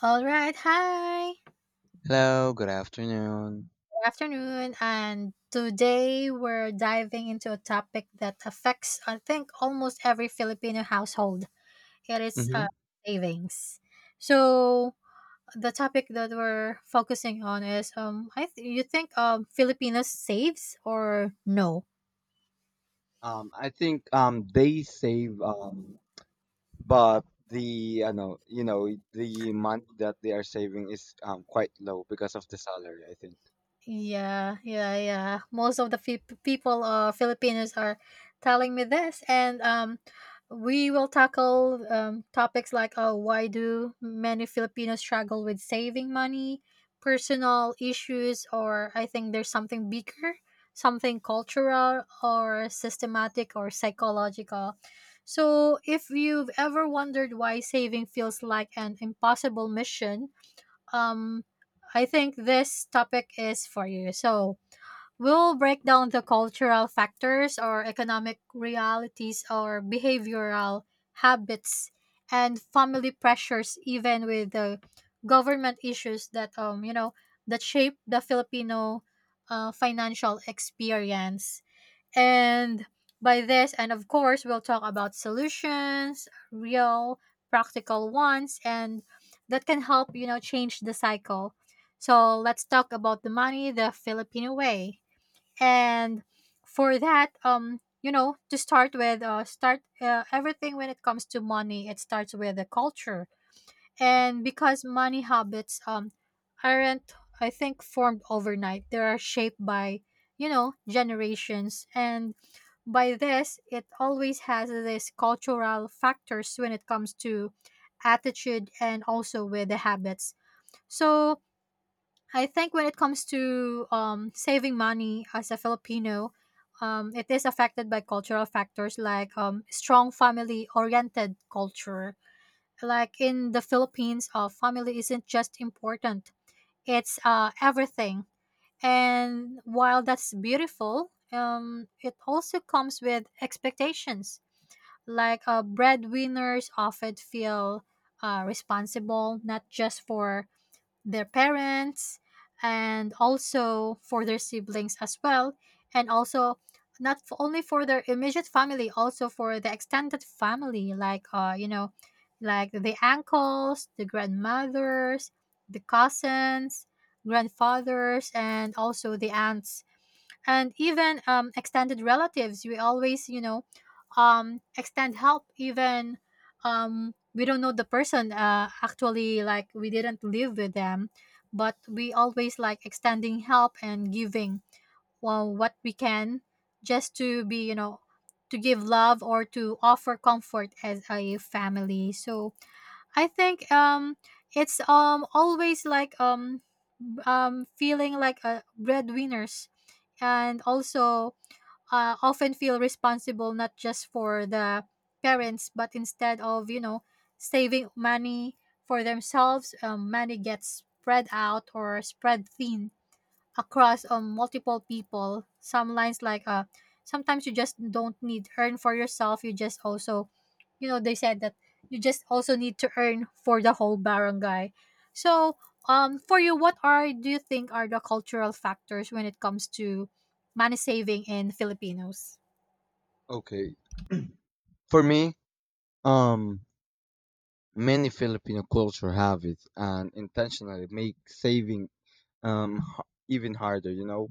All right, hi. Good Hello, good afternoon. afternoon. And today we're diving into a topic that affects, I think, almost every Filipino household. It is hmm savings. So the topic that we're focusing on is, you think Filipinos saves or no? I think they save but the I know the money that they are saving is quite low because of the salary. I think. Yeah, yeah, yeah. Most of the people, Filipinos, are telling me this, and we will tackle topics like, oh, why do many Filipinos struggle with saving money, personal issues, or I think there's something bigger, something cultural or systematic or psychological. So, if you've ever wondered why saving feels like an impossible mission, um I think this topic is for you. So we'll break down the cultural factors or economic realities or behavioral habits and family pressures even with the government issues that that shape the Filipino financial experience. And by this, and of course, we'll talk about solutions, real practical ones, and that can help, you know, change the cycle. So let's talk about the money the Filipino way. And for that, you know, to start with, start everything when it comes to money, it starts with the culture. And because money habits aren't, I think, formed overnight, they are shaped by, you know, generations. And by this, it always has these cultural factors when it comes to attitude and also with the habits. So I think when it comes to saving money as a Filipino, it is affected by cultural factors like strong family oriented culture. Like in the Philippines, family isn't just important, it's everything. And while that's beautiful, it also comes with expectations. Like breadwinners often feel responsible not just for their parents and also for their siblings as well, and also not f- only for their immediate family, also for the extended family, like like the uncles, the grandmothers, the cousins, grandfathers, and also the aunts. And even extended relatives, we always, you know, extend help. Even we don't know the person, actually, like we didn't live with them, but we always like extending help and giving, well, what we can, just to be, you know, to give love or to offer comfort as a family. So I think it's always like feeling like a breadwinners, and also often feel responsible not just for the parents, but instead of, you know, saving money for themselves, money gets spread out or spread thin across multiple people. Some lines like sometimes you just don't need earn for yourself. You just also, you know, they said that you just also need to earn for the whole barangay. So for you, what are do you think are the cultural factors when it comes to money saving in Filipinos? Okay. For me, um, many Filipino culture habits and intentionally make saving even harder. You know,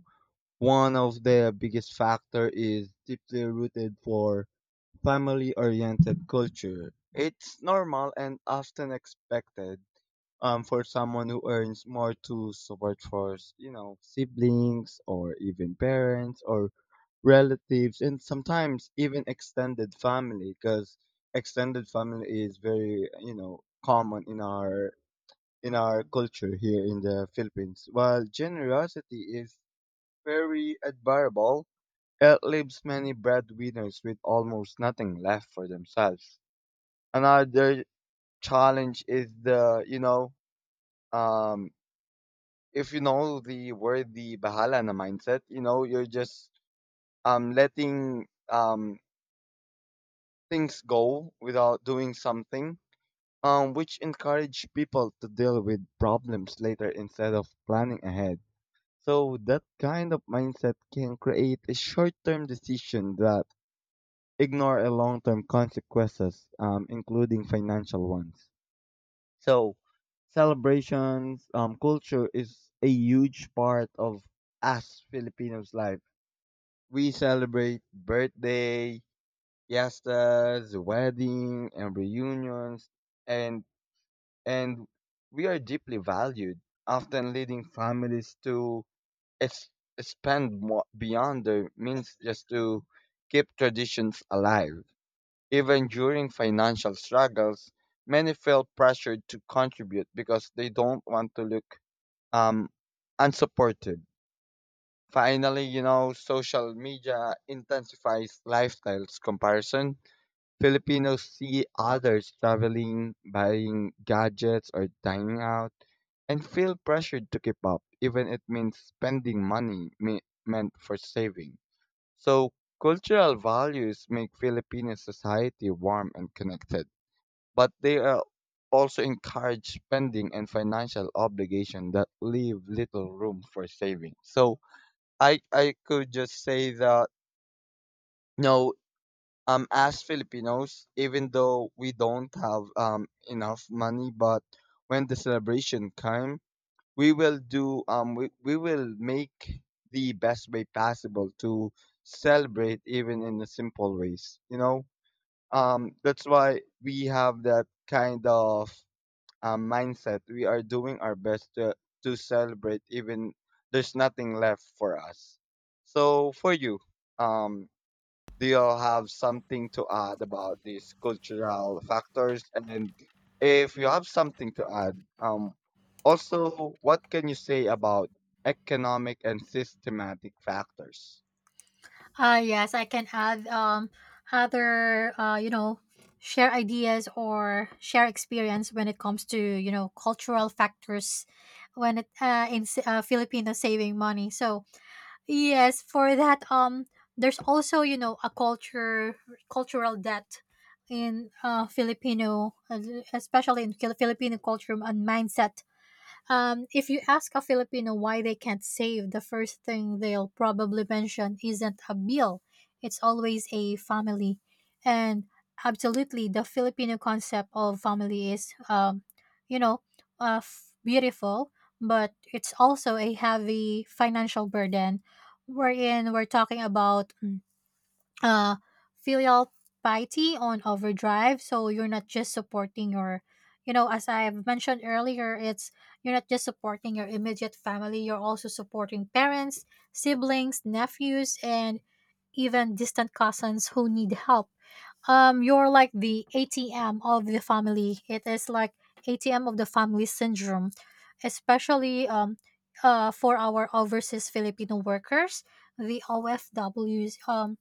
one of the biggest factor is deeply rooted for family-oriented culture. It's normal and often expected, for someone who earns more to support for, you know, siblings or even parents or relatives and sometimes even extended family, because extended family is very, you know, common in our culture here in the Philippines. While generosity is very admirable, it leaves many breadwinners with almost nothing left for themselves. Another challenge is the, you know, um, if you know the word, the bahala na mindset, you know, you're just letting things go without doing something, which encourage people to deal with problems later instead of planning ahead. So that kind of mindset can create a short-term decision that ignore a long-term consequences, including financial ones. So, celebrations, culture is a huge part of us Filipinos' life. We celebrate birthday, fiestas, wedding, and reunions, and and we are deeply valued, often leading families to ex- expand more beyond their means just to keep traditions alive. Even during financial struggles, many feel pressured to contribute because they don't want to look um, unsupported. Finally, you know, social media intensifies lifestyles comparison. Filipinos see others traveling, buying gadgets, or dining out, and feel pressured to keep up, even it means spending money meant for saving. So, cultural values make Filipino society warm and connected, but they are also encourage spending and financial obligation that leave little room for saving. So I could just say that no, as Filipinos, even though we don't have enough money, but when the celebration come, we will do we will make the best way possible to celebrate, even in the simple ways, you know, that's why we have that kind of mindset. We are doing our best to celebrate even there's nothing left for us. So for you, um, do you all have something to add about these cultural factors? And then if you have something to add, also, what can you say about economic and systematic factors? Yes, I can add other, you know, share ideas or share experience when it comes to, you know, cultural factors when it in Filipino saving money. So yes, for that, there's also, you know, a culture cultural debt in Filipino, especially in Filipino culture and mindset. Um, if you ask a Filipino why they can't save, the first thing they'll probably mention isn't a bill, it's always a family. And absolutely, the Filipino concept of family is, you know, beautiful, but it's also a heavy financial burden, wherein we're talking about uh, filial piety on overdrive. So you're not just supporting your, you know, as I've mentioned earlier, it's you're not just supporting your immediate family, you're also supporting parents, siblings, nephews, and even distant cousins who need help. You're like the ATM of the family. It is like ATM of the family syndrome, especially for our overseas Filipino workers, the OFWs.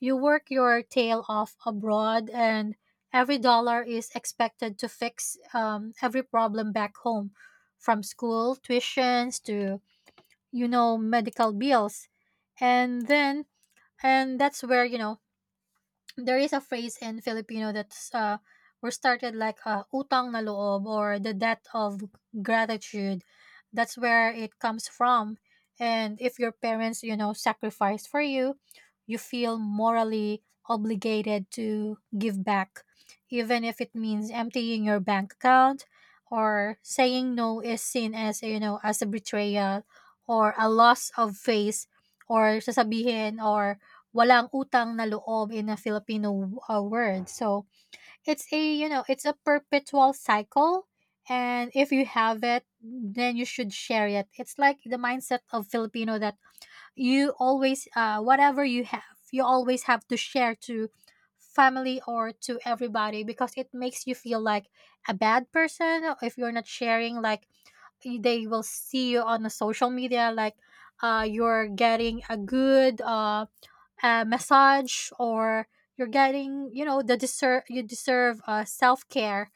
You work your tail off abroad, and every dollar is expected to fix every problem back home, from school tuitions to, you know, medical bills, and then and that's where, you know, there is a phrase in Filipino that's were started like utang na loob, or the debt of gratitude. That's where it comes from. And if your parents, you know, sacrificed for you, you feel morally obligated to give back, even if it means emptying your bank account, or saying no is seen as, you know, as a betrayal or a loss of face, or sasabihin or walang utang na loob in a Filipino, word. So, it's a, you know, it's a perpetual cycle, and if you have it, then you should share it. It's like the mindset of Filipino that you always, whatever you have, you always have to share to family or to everybody, because it makes you feel like a bad person if you're not sharing. Like they will see you on the social media like you're getting a good a massage, or you're getting, you know, the deserve you deserve self-care,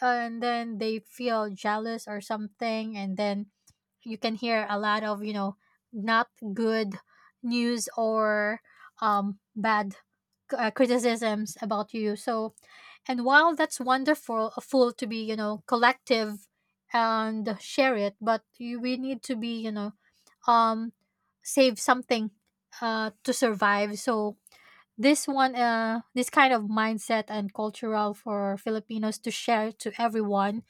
and then they feel jealous or something, and then you can hear a lot of, you know, not good news, or bad criticisms about you. So, and while that's wonderful, a fool to be, you know, collective and share it, but we need to be, you know, um save something to survive. So this one, this kind of mindset and cultural for Filipinos to share to everyone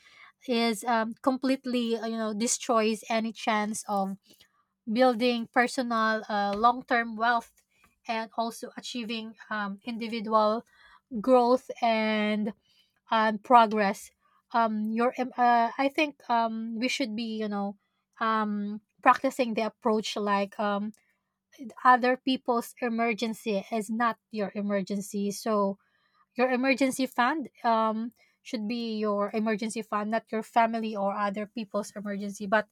is completely, you know, destroys any chance of building personal, long-term wealth, and also achieving individual growth and progress. I think we should be, you know, practicing the approach like other people's emergency is not your emergency. So your emergency fund should be your emergency fund, not your family or other people's emergency. But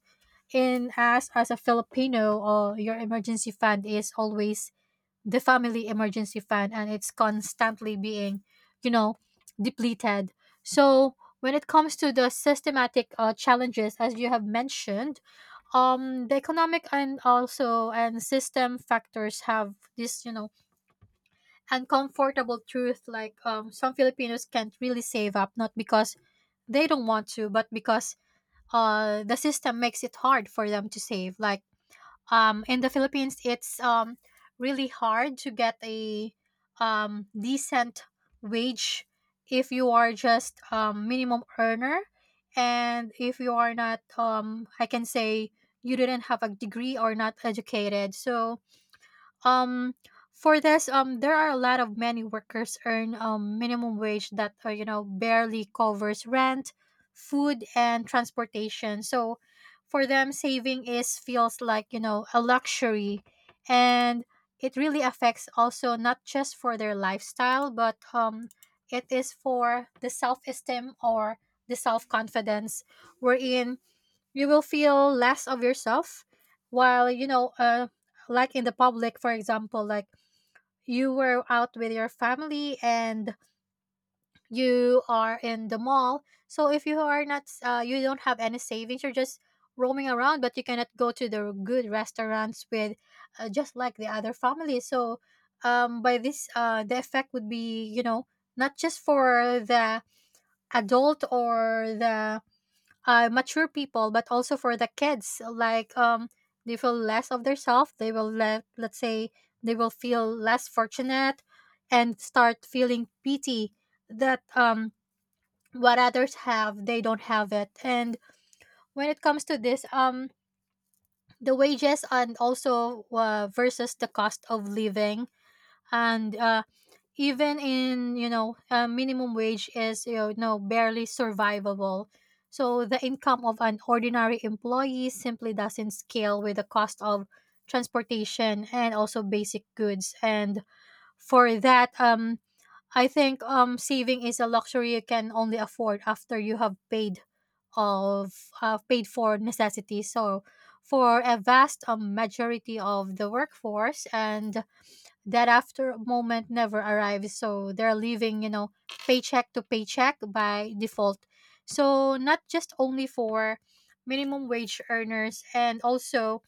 in as a Filipino, your emergency fund is always the family emergency fund, and it's constantly being, you know, depleted. So when it comes to the systematic challenges, as you have mentioned, the economic and also and system factors have this, you know, uncomfortable truth, like some Filipinos can't really save up not because they don't want to, but because the system makes it hard for them to save. Like in the Philippines, it's really hard to get a decent wage if you are just minimum earner, and if you are not, I can say you didn't have a degree or not educated. So um for this, there are a lot of many workers earn minimum wage that you know, barely covers rent, food and transportation. So for them saving is feels like, you know, a luxury. And it really affects also not just for their lifestyle, but it is for the self-esteem or the self-confidence, wherein you will feel less of yourself while, you know, like in the public, for example, like you were out with your family and you are in the mall. So if you are not, you don't have any savings, you're just roaming around, but you cannot go to the good restaurants with, just like the other family. So by this, the effect would be, you know, not just for the adult or the mature people, but also for the kids. Like they feel less of themselves. They will let's say they will feel less fortunate, and start feeling pity that what others have they don't have it. And when it comes to this the wages and also versus the cost of living and even in minimum wage is, you know, barely survivable. So the income of an ordinary employee simply doesn't scale with the cost of transportation and also basic goods. And for that, I think saving is a luxury you can only afford after you have paid of paid for necessities. So for a vast majority of the workforce, and that after moment never arrives, so they're living, you know, paycheck to paycheck by default. So not just only for minimum wage earners, and also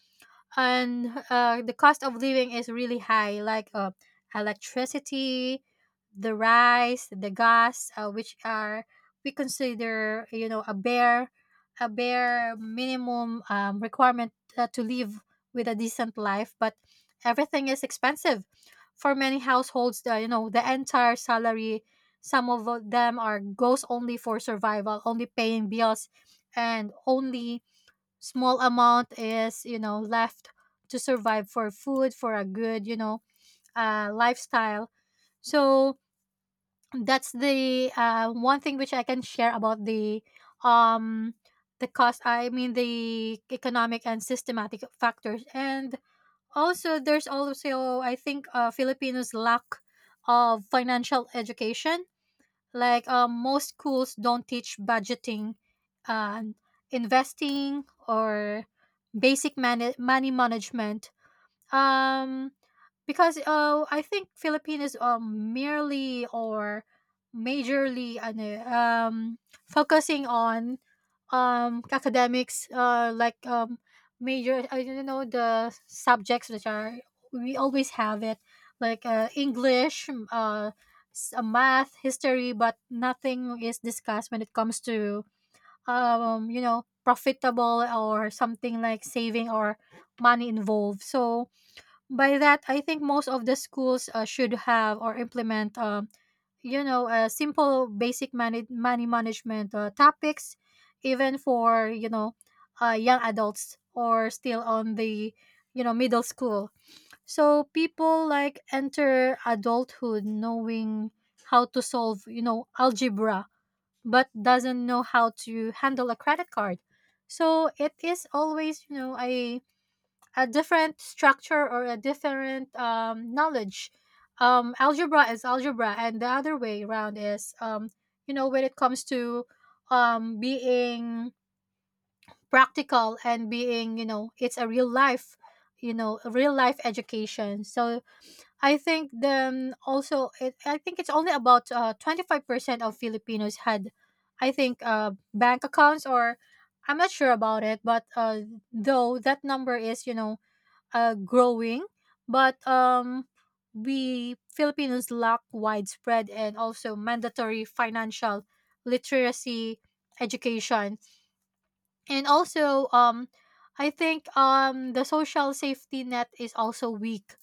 and the cost of living is really high, like electricity, the rice, the gas, which are, we consider, you know, a bare minimum requirement to live with a decent life. But everything is expensive. For many households, the, you know, the entire salary, some of them are goes only for survival, only paying bills, and only small amount is, you know, left to survive for food, for a good, you know, lifestyle. So that's the one thing which I can share about the um the cost, I mean, the economic and systematic factors. And also, there's also, I think, Filipinos lack of financial education. Like most schools don't teach budgeting, uh, investing, or basic money management. Um, because I think Filipinos merely or majorly ano, focusing on academics, like major, I don't know, the subjects which are we always have it, like English, math, history, but nothing is discussed when it comes to you know, profitable or something like saving or money involved. So by that, I think most of the schools should have or implement you know, simple basic money management topics, even for, you know, young adults or still on the, you know, middle school. So people like enter adulthood knowing how to solve, you know, algebra, but doesn't know how to handle a credit card. So it is always, you know, a different structure or a different knowledge. Algebra is algebra, and the other way around is, you know, when it comes to being practical and being, you know, it's a real life, you know, a real life education. So I think then also, I think it's only about 25% of Filipinos had, I think, bank accounts, or I'm not sure about it, but though that number is, you know, growing, but we Filipinos lack widespread and also mandatory financial literacy education. And also, I think the social safety net is also weak.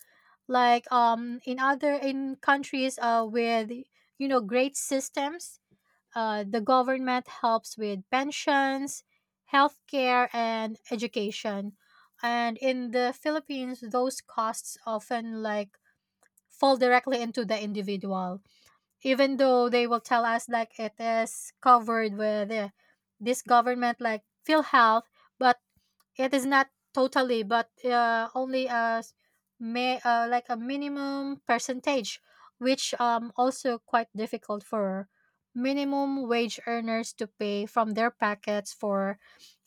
Like in other in countries with, you know, great systems, the government helps with pensions, healthcare, and education. And in the Philippines, those costs often like fall directly into the individual, even though they will tell us like it is covered with this government like PhilHealth, but it is not totally, but only as may like a minimum percentage, which also quite difficult for minimum wage earners to pay from their packets for,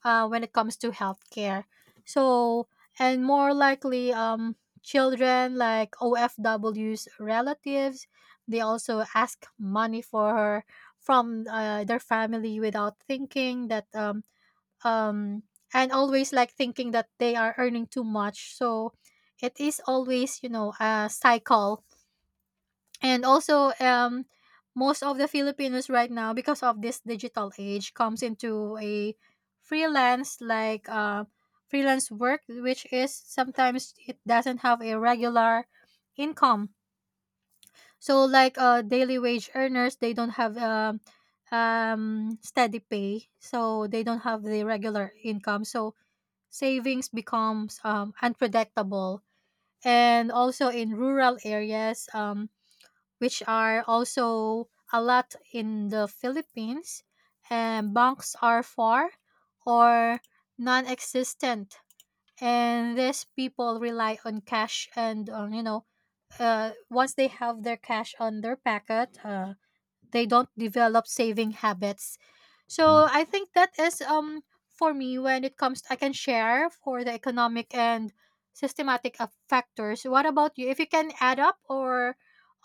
when it comes to healthcare. So and more likely children like OFW's relatives, they also ask money for her from their family without thinking that um and always like thinking that they are earning too much. So it is always, you know, a cycle. And also, most of the Filipinos right now, because of this digital age, comes into a freelance, like freelance work, which is sometimes it doesn't have a regular income. So like daily wage earners, they don't have steady pay, so they don't have the regular income, so savings becomes unpredictable. And also in rural areas, which are also a lot in the Philippines, and banks are far or non-existent, and these people rely on cash. And on, you know, once they have their cash on their packet, they don't develop saving habits. Mhm. So I think that is for me when it comes, I can share for the economic and systematic factors. What about you, if you can add up or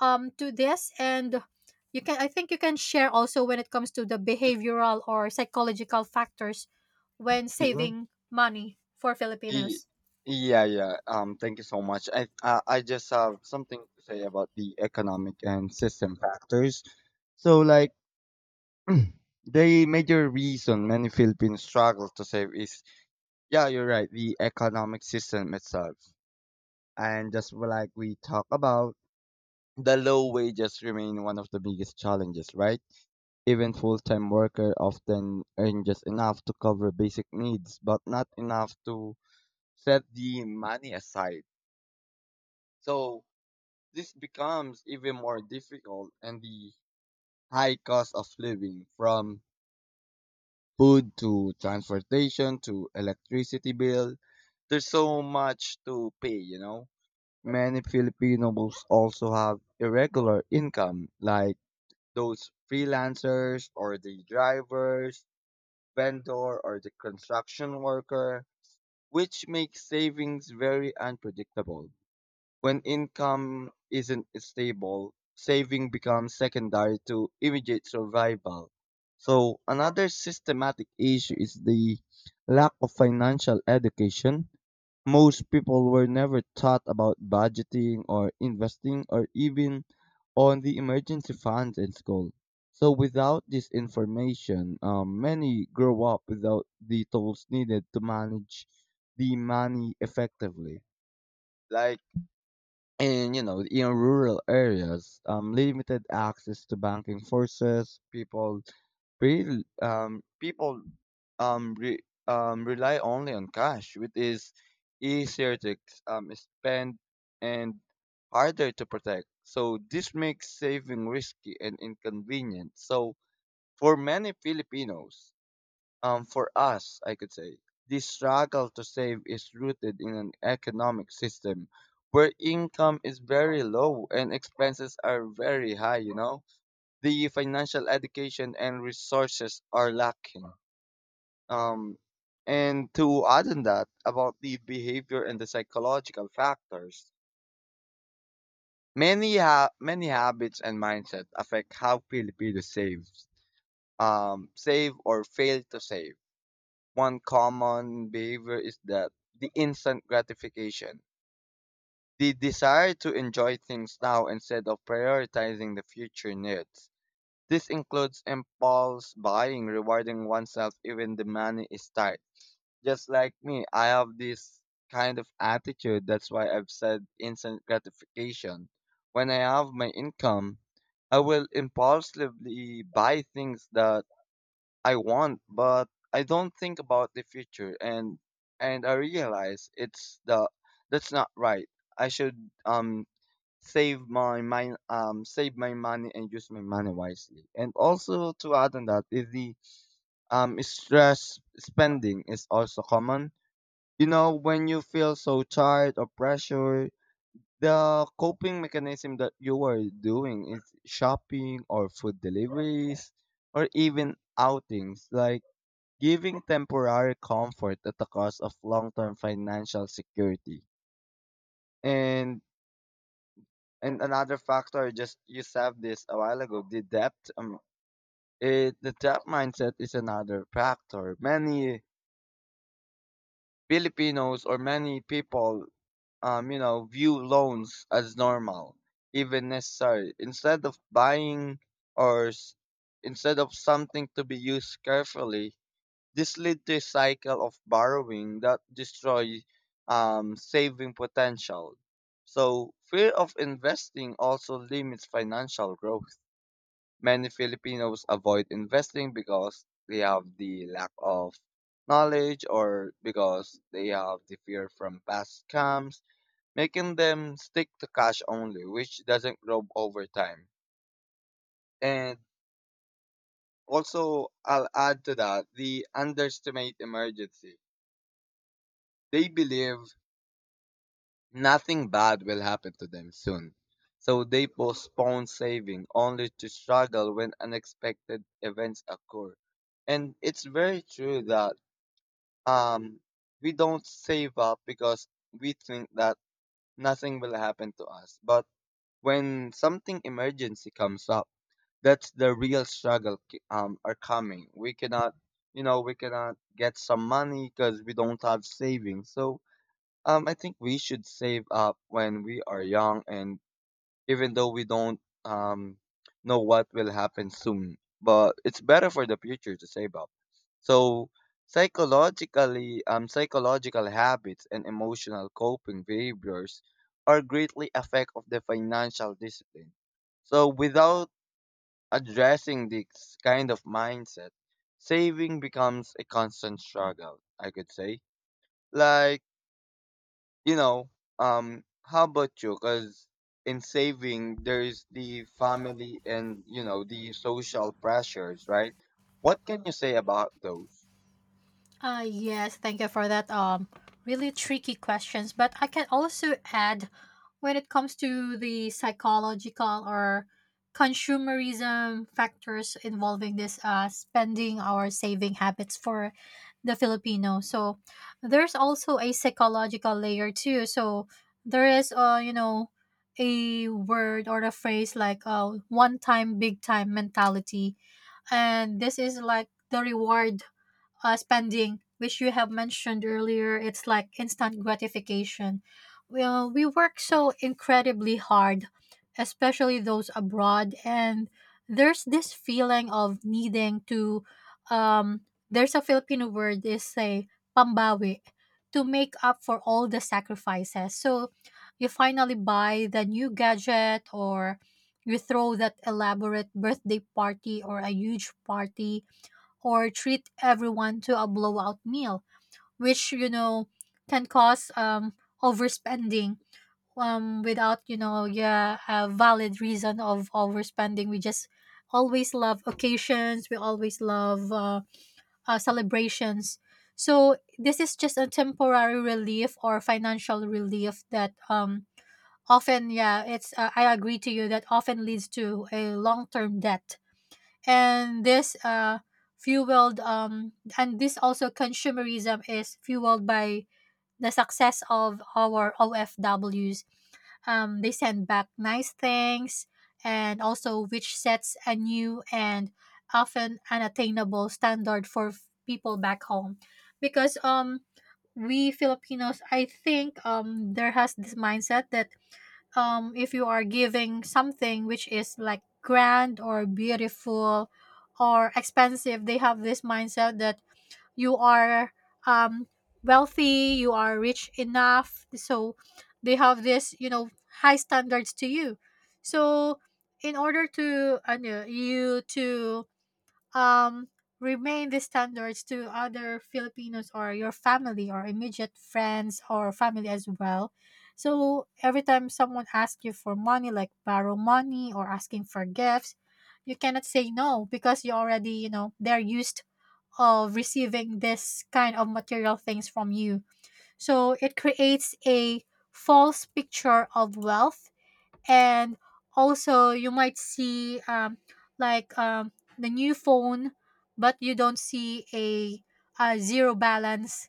to this, and you can, I think you can share also when it comes to the behavioral or psychological factors when saving money for Y- Filipinos. Yeah, yeah. Thank you so much. I just have something to say about the economic and system factors. So, like, the major reason many Philippines struggle to save is, yeah, you're right, the economic system itself. And just like we talk about, the low wages remain one of the biggest challenges, right? Even full-time worker often earn just enough to cover basic needs, but not enough to set the money aside. So this becomes even more difficult, and the high cost of living from food to transportation to electricity bill, there's so much to pay, you know. Many Filipinos also have irregular income, like those freelancers or the drivers, vendor or the construction worker, which makes savings very unpredictable. When income isn't stable, saving becomes secondary to immediate survival. So, another systematic issue is the lack of financial education. Most people were never taught about budgeting or investing or even on the emergency funds in school. So, without this information, many grow up without the tools needed to manage the money effectively. Like, in you know in rural areas, limited access to banking forces people um, re- rely only on cash, which is easier to spend and harder to protect, so this makes saving risky and inconvenient. So for many Filipinos, for us, I could say, this struggle to save is rooted in an economic system where income is very low and expenses are very high, you know? The financial education and resources are lacking. Um, and to add on that, about the behavior and the psychological factors, many habits and mindset affect how Filipinos save, save or fail to save. One common behavior is that the instant gratification, the desire to enjoy things now instead of prioritizing the future needs. This includes impulse buying, rewarding oneself even the money is tight. Just like me, I have this kind of attitude. That's why I've said instant gratification. When I have my income, I will impulsively buy things that I want, but I don't think about the future, and I realize it's the that's not right. I should save my mind save my money and use my money wisely. And also to add on that is the stress spending is also common. You know, when you feel so tired or pressure, the coping mechanism that you are doing is shopping or food deliveries or even outings, like giving temporary comfort at the cost of long-term financial security. And another factor, just you said this a while ago, the debt. The debt mindset is another factor. Many Filipinos or many people, you know, view loans as normal, even necessary. Instead of or s- instead of something to be used carefully, this leads to a cycle of borrowing that destroys saving potential. So, fear of investing also limits financial growth. Many Filipinos avoid investing because they have the lack of knowledge or because they have the fear from past scams, making them stick to cash only, which doesn't grow over time. And also, I'll add to that the underestimate emergency. They believe nothing bad will happen to them soon. So they postpone saving only to struggle when unexpected events occur. And it's very true that um, we don't save up because we think that nothing will happen to us. But when something emergency comes up, that's the real are coming. We cannot, you know, we cannot get some money because we don't have savings. So I think we should save up when we are young, and even though we don't um know what will happen soon, but it's better for the future to save up. So psychologically, psychological habits and emotional coping behaviors are greatly affect of the financial discipline. So without addressing this kind of mindset, saving becomes a constant struggle, I could say. Like, you know, how about you? Because in saving, there's the family and, you know, the social pressures, right? What can you say about those? Yes, thank you for that. Really tricky questions, but I can also add when it comes to the psychological or consumerism factors involving this spending or saving habits for the Filipino. So there's also a psychological layer too. So there is, you know, a word or a phrase like one time, big time mentality. And this is like the reward spending, which you have mentioned earlier, it's like instant gratification. Well, we work so incredibly hard, especially those abroad, and there's this feeling of needing to. Um, there's a Filipino word is say pambawi, to make up for all the sacrifices. So you finally buy the new gadget, or you throw that elaborate birthday party or a huge party, or treat everyone to a blowout meal, which, you know, can cause overspending without, you know, yeah, a valid reason of overspending. We just always love occasions. We always love celebrations. So this is just a temporary relief or financial relief that often, yeah, it's I agree to you that often leads to a long term debt. And this fueled and this also consumerism is fueled by the success of our OFWs. They send back nice things, and also which sets a new and often unattainable standard for people back home. Because we Filipinos, I think, there has this mindset that if you are giving something which is like grand or beautiful or expensive, they have this mindset that you are um wealthy, you are rich enough. So they have this, you know, high standards to you. So in order to you to um remain the standards to other Filipinos or your family or immediate friends or family as well. So every time someone asks you for money, like borrow money or asking for gifts, you cannot say no, because you already, you know, they're used of receiving this kind of material things from you. So it creates a false picture of wealth. And also you might see like the new phone, but you don't see a zero balance.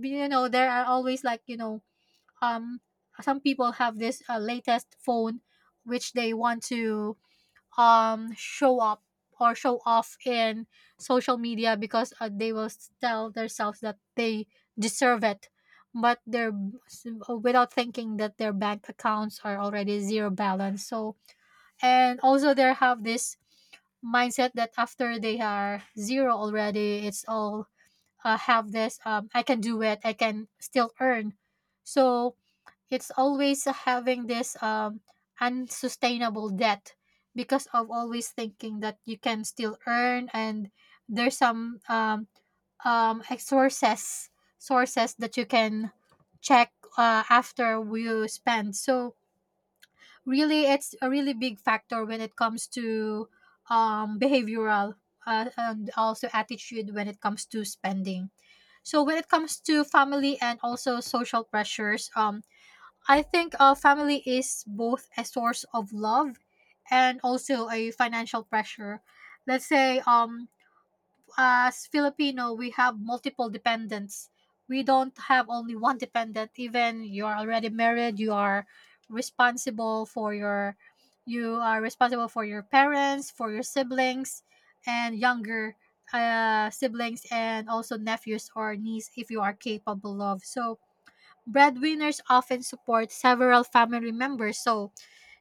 You know, there are always, like, you know, um, some people have this latest phone which they want to show up or show off in social media because they will tell themselves that they deserve it, but they're without thinking that their bank accounts are already zero balance. So and also they have this mindset that after they are zero already, it's all have this, I can do it, I can still earn. So it's always having this unsustainable debt, because of always thinking that you can still earn, and there's some sources, that you can check after you spend. So really, it's a really big factor when it comes to behavioral and also attitude when it comes to spending. So when it comes to family and also social pressures, I think family is both a source of love and also a financial pressure. Let's say, as Filipino, we have multiple dependents. We don't have only one dependent. Even you are already married, responsible for your, you are responsible for your parents, for your siblings, and younger siblings, and also nephews or niece if you are capable of. So breadwinners often support several family members, so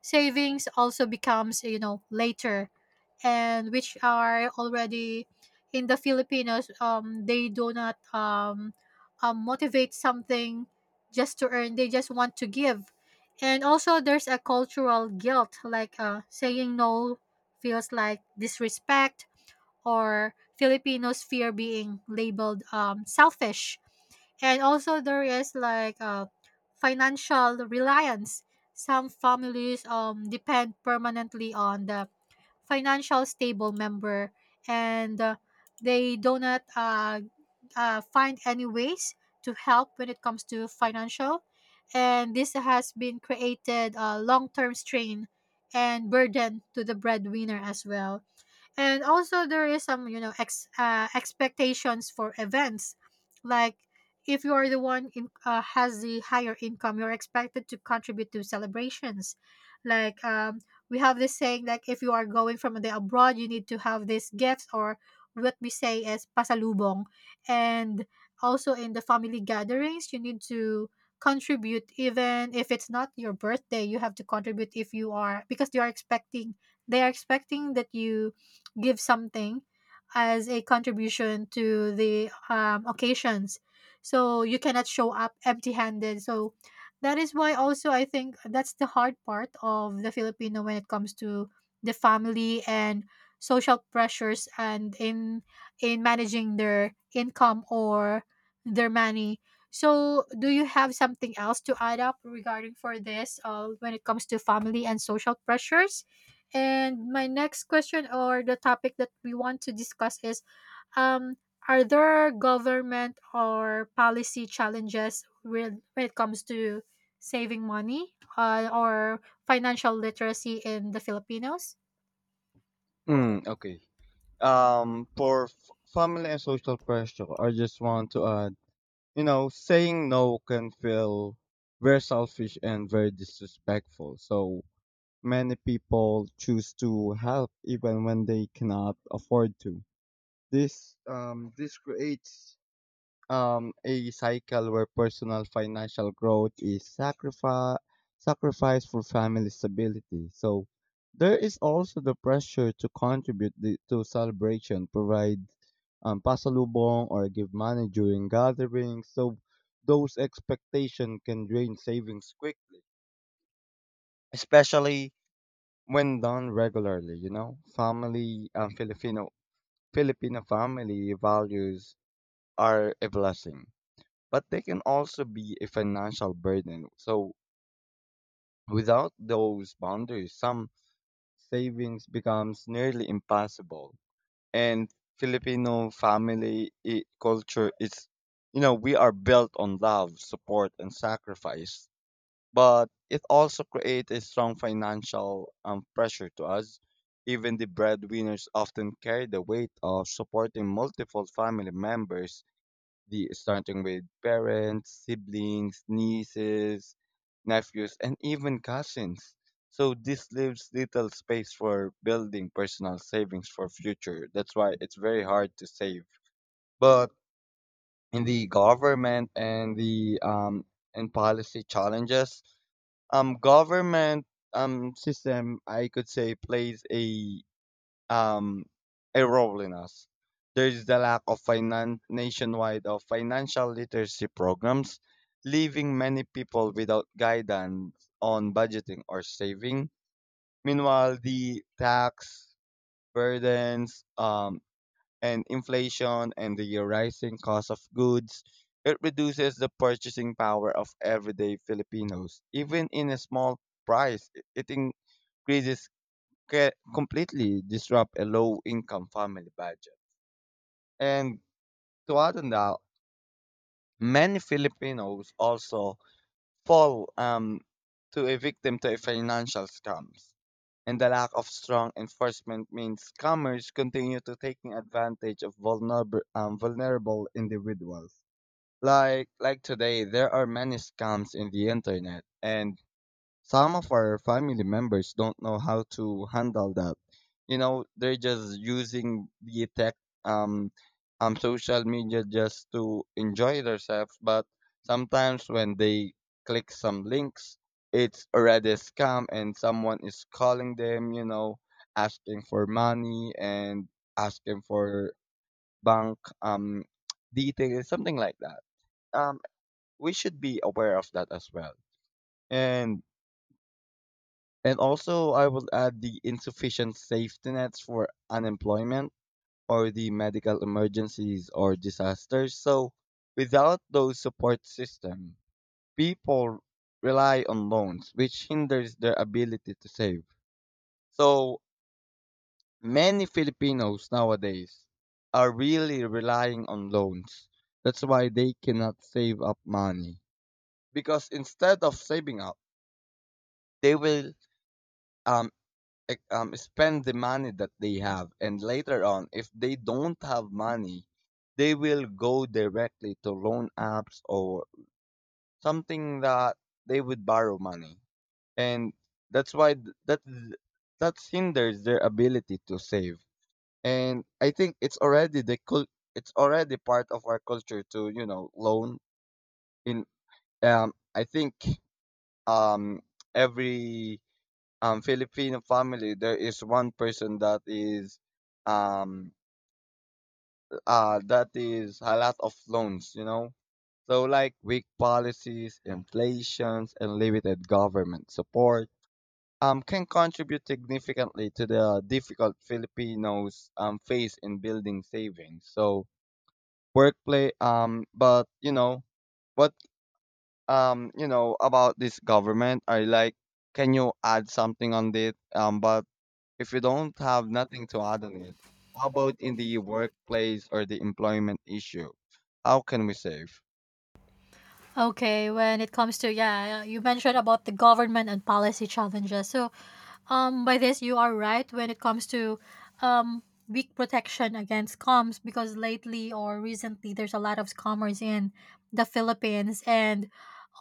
savings also becomes, you know, later. And which are already in the Filipinos, they do not motivate something just to earn, they just want to give. And also, there's a cultural guilt, like, saying no feels like disrespect, or Filipinos fear being labeled selfish. And also, there is like financial reliance. Some families depend permanently on the financial stable member, and they do not find any ways to help when it comes to financial. And this has been created a long term strain and burden to the breadwinner as well. And also there is some, you know, expectations for events, like if you are the one in, has the higher income, you're expected to contribute to celebrations, like we have this saying like, if you are going from the abroad, you need to have these gifts, or what we say as pasalubong. And also in the family gatherings, you need to contribute even if it's not your birthday. You have to contribute if you are, because they are expecting that you give something as a contribution to the occasions. So you cannot show up empty handed. So that is why, also, I think that's the hard part of the Filipino when it comes to the family and social pressures, and in managing their income or their money. So do you have something else to add up regarding for this, when it comes to family and social pressures? And my next question or the topic that we want to discuss is, um are there government or policy challenges when it comes to saving money or financial literacy in the Filipinos? Mm, okay. Um, for f- family and social pressure, I just want to add, you know, saying no can feel very selfish and very disrespectful. So many people choose to help even when they cannot afford to. This creates a cycle where personal financial growth is sacrificed for family stability. So there is also the pressure to contribute the, to celebration, provide pasalubong or give money during gatherings. So those expectations can drain savings quickly, especially when done regularly. You know, family Filipino family values are a blessing, but they can also be a financial burden. So without those boundaries, some savings becomes nearly impossible. And Filipino culture is, you know, we are built on love, support, and sacrifice. But it also creates a strong financial pressure to us. Even the breadwinners often carry the weight of supporting multiple family members, the starting with parents, siblings, nieces, nephews, and even cousins. So this leaves little space for building personal savings for future. That's why it's very hard to save. But in the government and the and policy challenges, government system I could say plays a um, erroneous. There is the lack of nationwide of financial literacy programs, leaving many people without guidance on budgeting or saving. Meanwhile, the tax burdens, and inflation and the rising cost of goods, it reduces the purchasing power of everyday Filipinos. Even in a small price, it increases can completely disrupt a low income family budget. And to add on that, many Filipinos also fall to a victim to a financial scams. And the lack of strong enforcement means scammers continue to taking advantage of vulnerable individuals. Like today, there are many scams in the internet, and some of our family members don't know how to handle that. You know, they're just using the tech, um, social media just to enjoy themselves. But sometimes when they click some links, it's already a scam and someone is calling them, you know, asking for money and asking for bank details, something like that. Um, we should be aware of that as well. And and also, I would add the insufficient safety nets for unemployment or the medical emergencies or disasters. So, without those support systems, people rely on loans, which hinders their ability to save. So, many Filipinos nowadays are really relying on loans. That's why they cannot save up money, because instead of saving up, they will uh, spend the money that they have, and later on if they don't have money they will go directly to loan apps or something that they would borrow money. And that's why that hinders their ability to save. And I think it's already it's already part of our culture to, you know, loan in, I think, um every Filipino family, there is one person um that is a lot of loans, you know. So like weak policies, inflations, and limited government support can contribute significantly to the difficult Filipinos face in building savings. So workplace but you know what, you know about this government, I like, can you add something on this but if you don't have nothing to add on it. How about in the workplace or the employment issue? How can we save? Okay, when it comes to, yeah, you mentioned about the government and policy challenges. So, by this, you are right when it comes to um weak protection against scams, because lately or recently there's a lot of scammers in the Philippines. And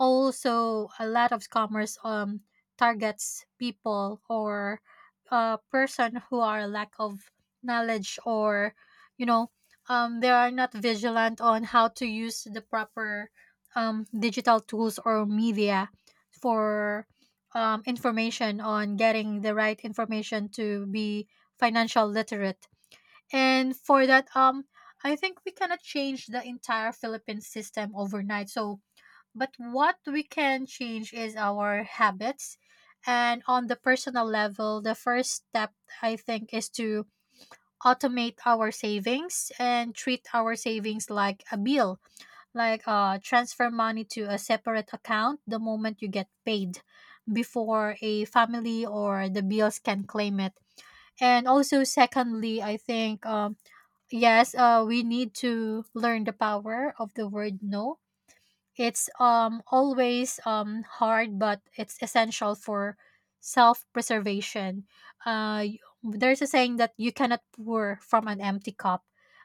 also a lot of scammers targets people or a person who are lack of knowledge or, you know, they are not vigilant on how to use the proper digital tools or media for information, on getting the right information to be financial literate. And for that, I think we cannot change the entire Philippine system overnight. So, but what we can change is our habits. And on the personal level, the first step I think is to automate our savings and treat our savings like a bill, like transfer money to a separate account the moment you get paid before a family or the bills can claim it. And also, secondly, I think, yes, we need to learn the power of the word no. It's always hard, but it's essential for self-preservation. There's a saying that you cannot pour from an empty cup.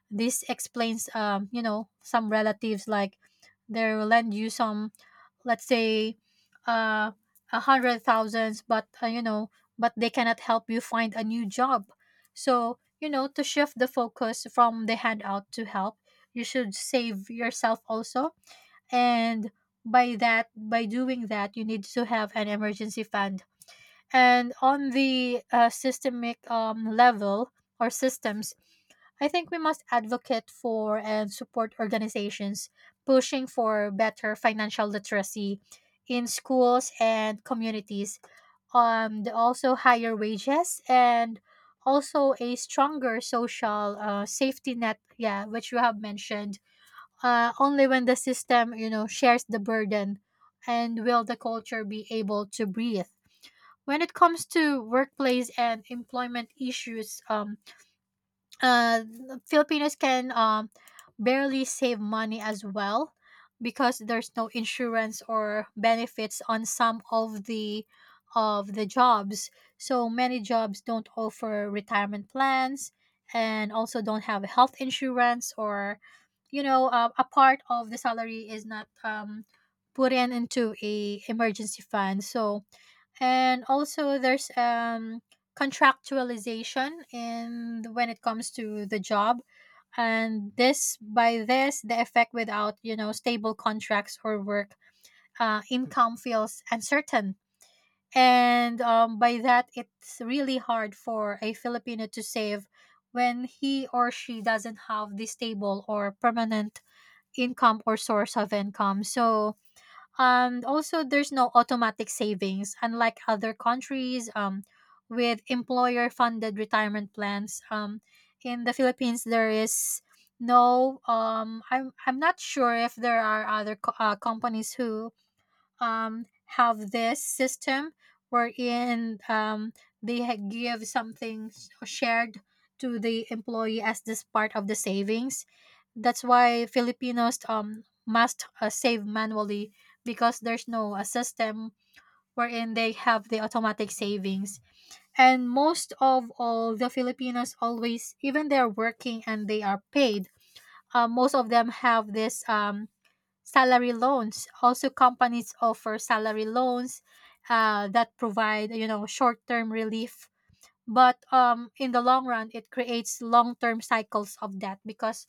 This explains, some relatives, like they will lend you some, let's say, uh 100,000, but they cannot help you find a new job. So, to shift the focus from the handout to help, you should save yourself also. And by doing that, you need to have an emergency fund. And on the systemic level, or systems, I think we must advocate for and support organizations pushing for better financial literacy in schools and communities, also higher wages and also a stronger social safety net, yeah, which you have mentioned. Only when the system, shares the burden, and will the culture be able to breathe. When it comes to workplace and employment issues, uh, Filipinos can barely save money as well, because there's no insurance or benefits on some of the jobs. So many jobs don't offer retirement plans and also don't have health insurance, or a part of the salary is not put in into a emergency fund. So, and also, there's contractualization in when it comes to the job. And this, by this, the effect, without, stable contracts or work, income feels uncertain. And by that, it's really hard for a Filipino to save when he or she doesn't have the stable or permanent income or source of income. So, and also, there's no automatic savings, unlike other countries, with employer funded retirement plans. In the Philippines, there is no, I'm not sure if there are other companies who have this system, wherein they give something shared to the employee as this part of the savings. That's why Filipinos must save manually, because there's no a system wherein they have the automatic savings. And most of all, the Filipinos always, even they're working and they are paid, most of them have this, salary loans. Also, companies offer salary loans that provide, short-term relief, but in the long run it creates long-term cycles of debt, because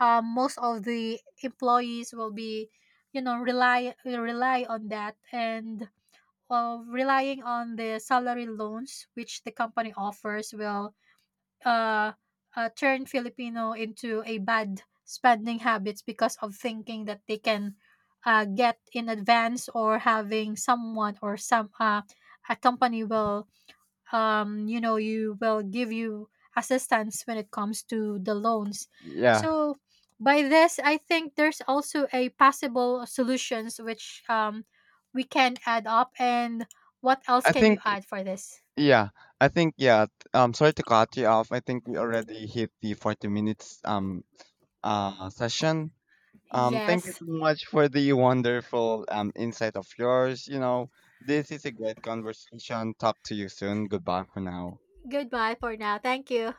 most of the employees will be, rely will rely on that. And relying on the salary loans which the company offers will uh, turn Filipino into a bad spending habits, because of thinking that they can get in advance, or having someone, or some a company will, you will give you assistance when it comes to the loans. Yeah, So by this, I think there's also a possible solutions which we can add up. And what else I can you think add for this? yeah, I think yeah. Sorry to cut you off. I think we already hit the 40 minutes session. Thank you Yes. so much for the wonderful insight of yours. You know, this is a great conversation. Talk to you soon. Goodbye for now. Goodbye for now. Thank you.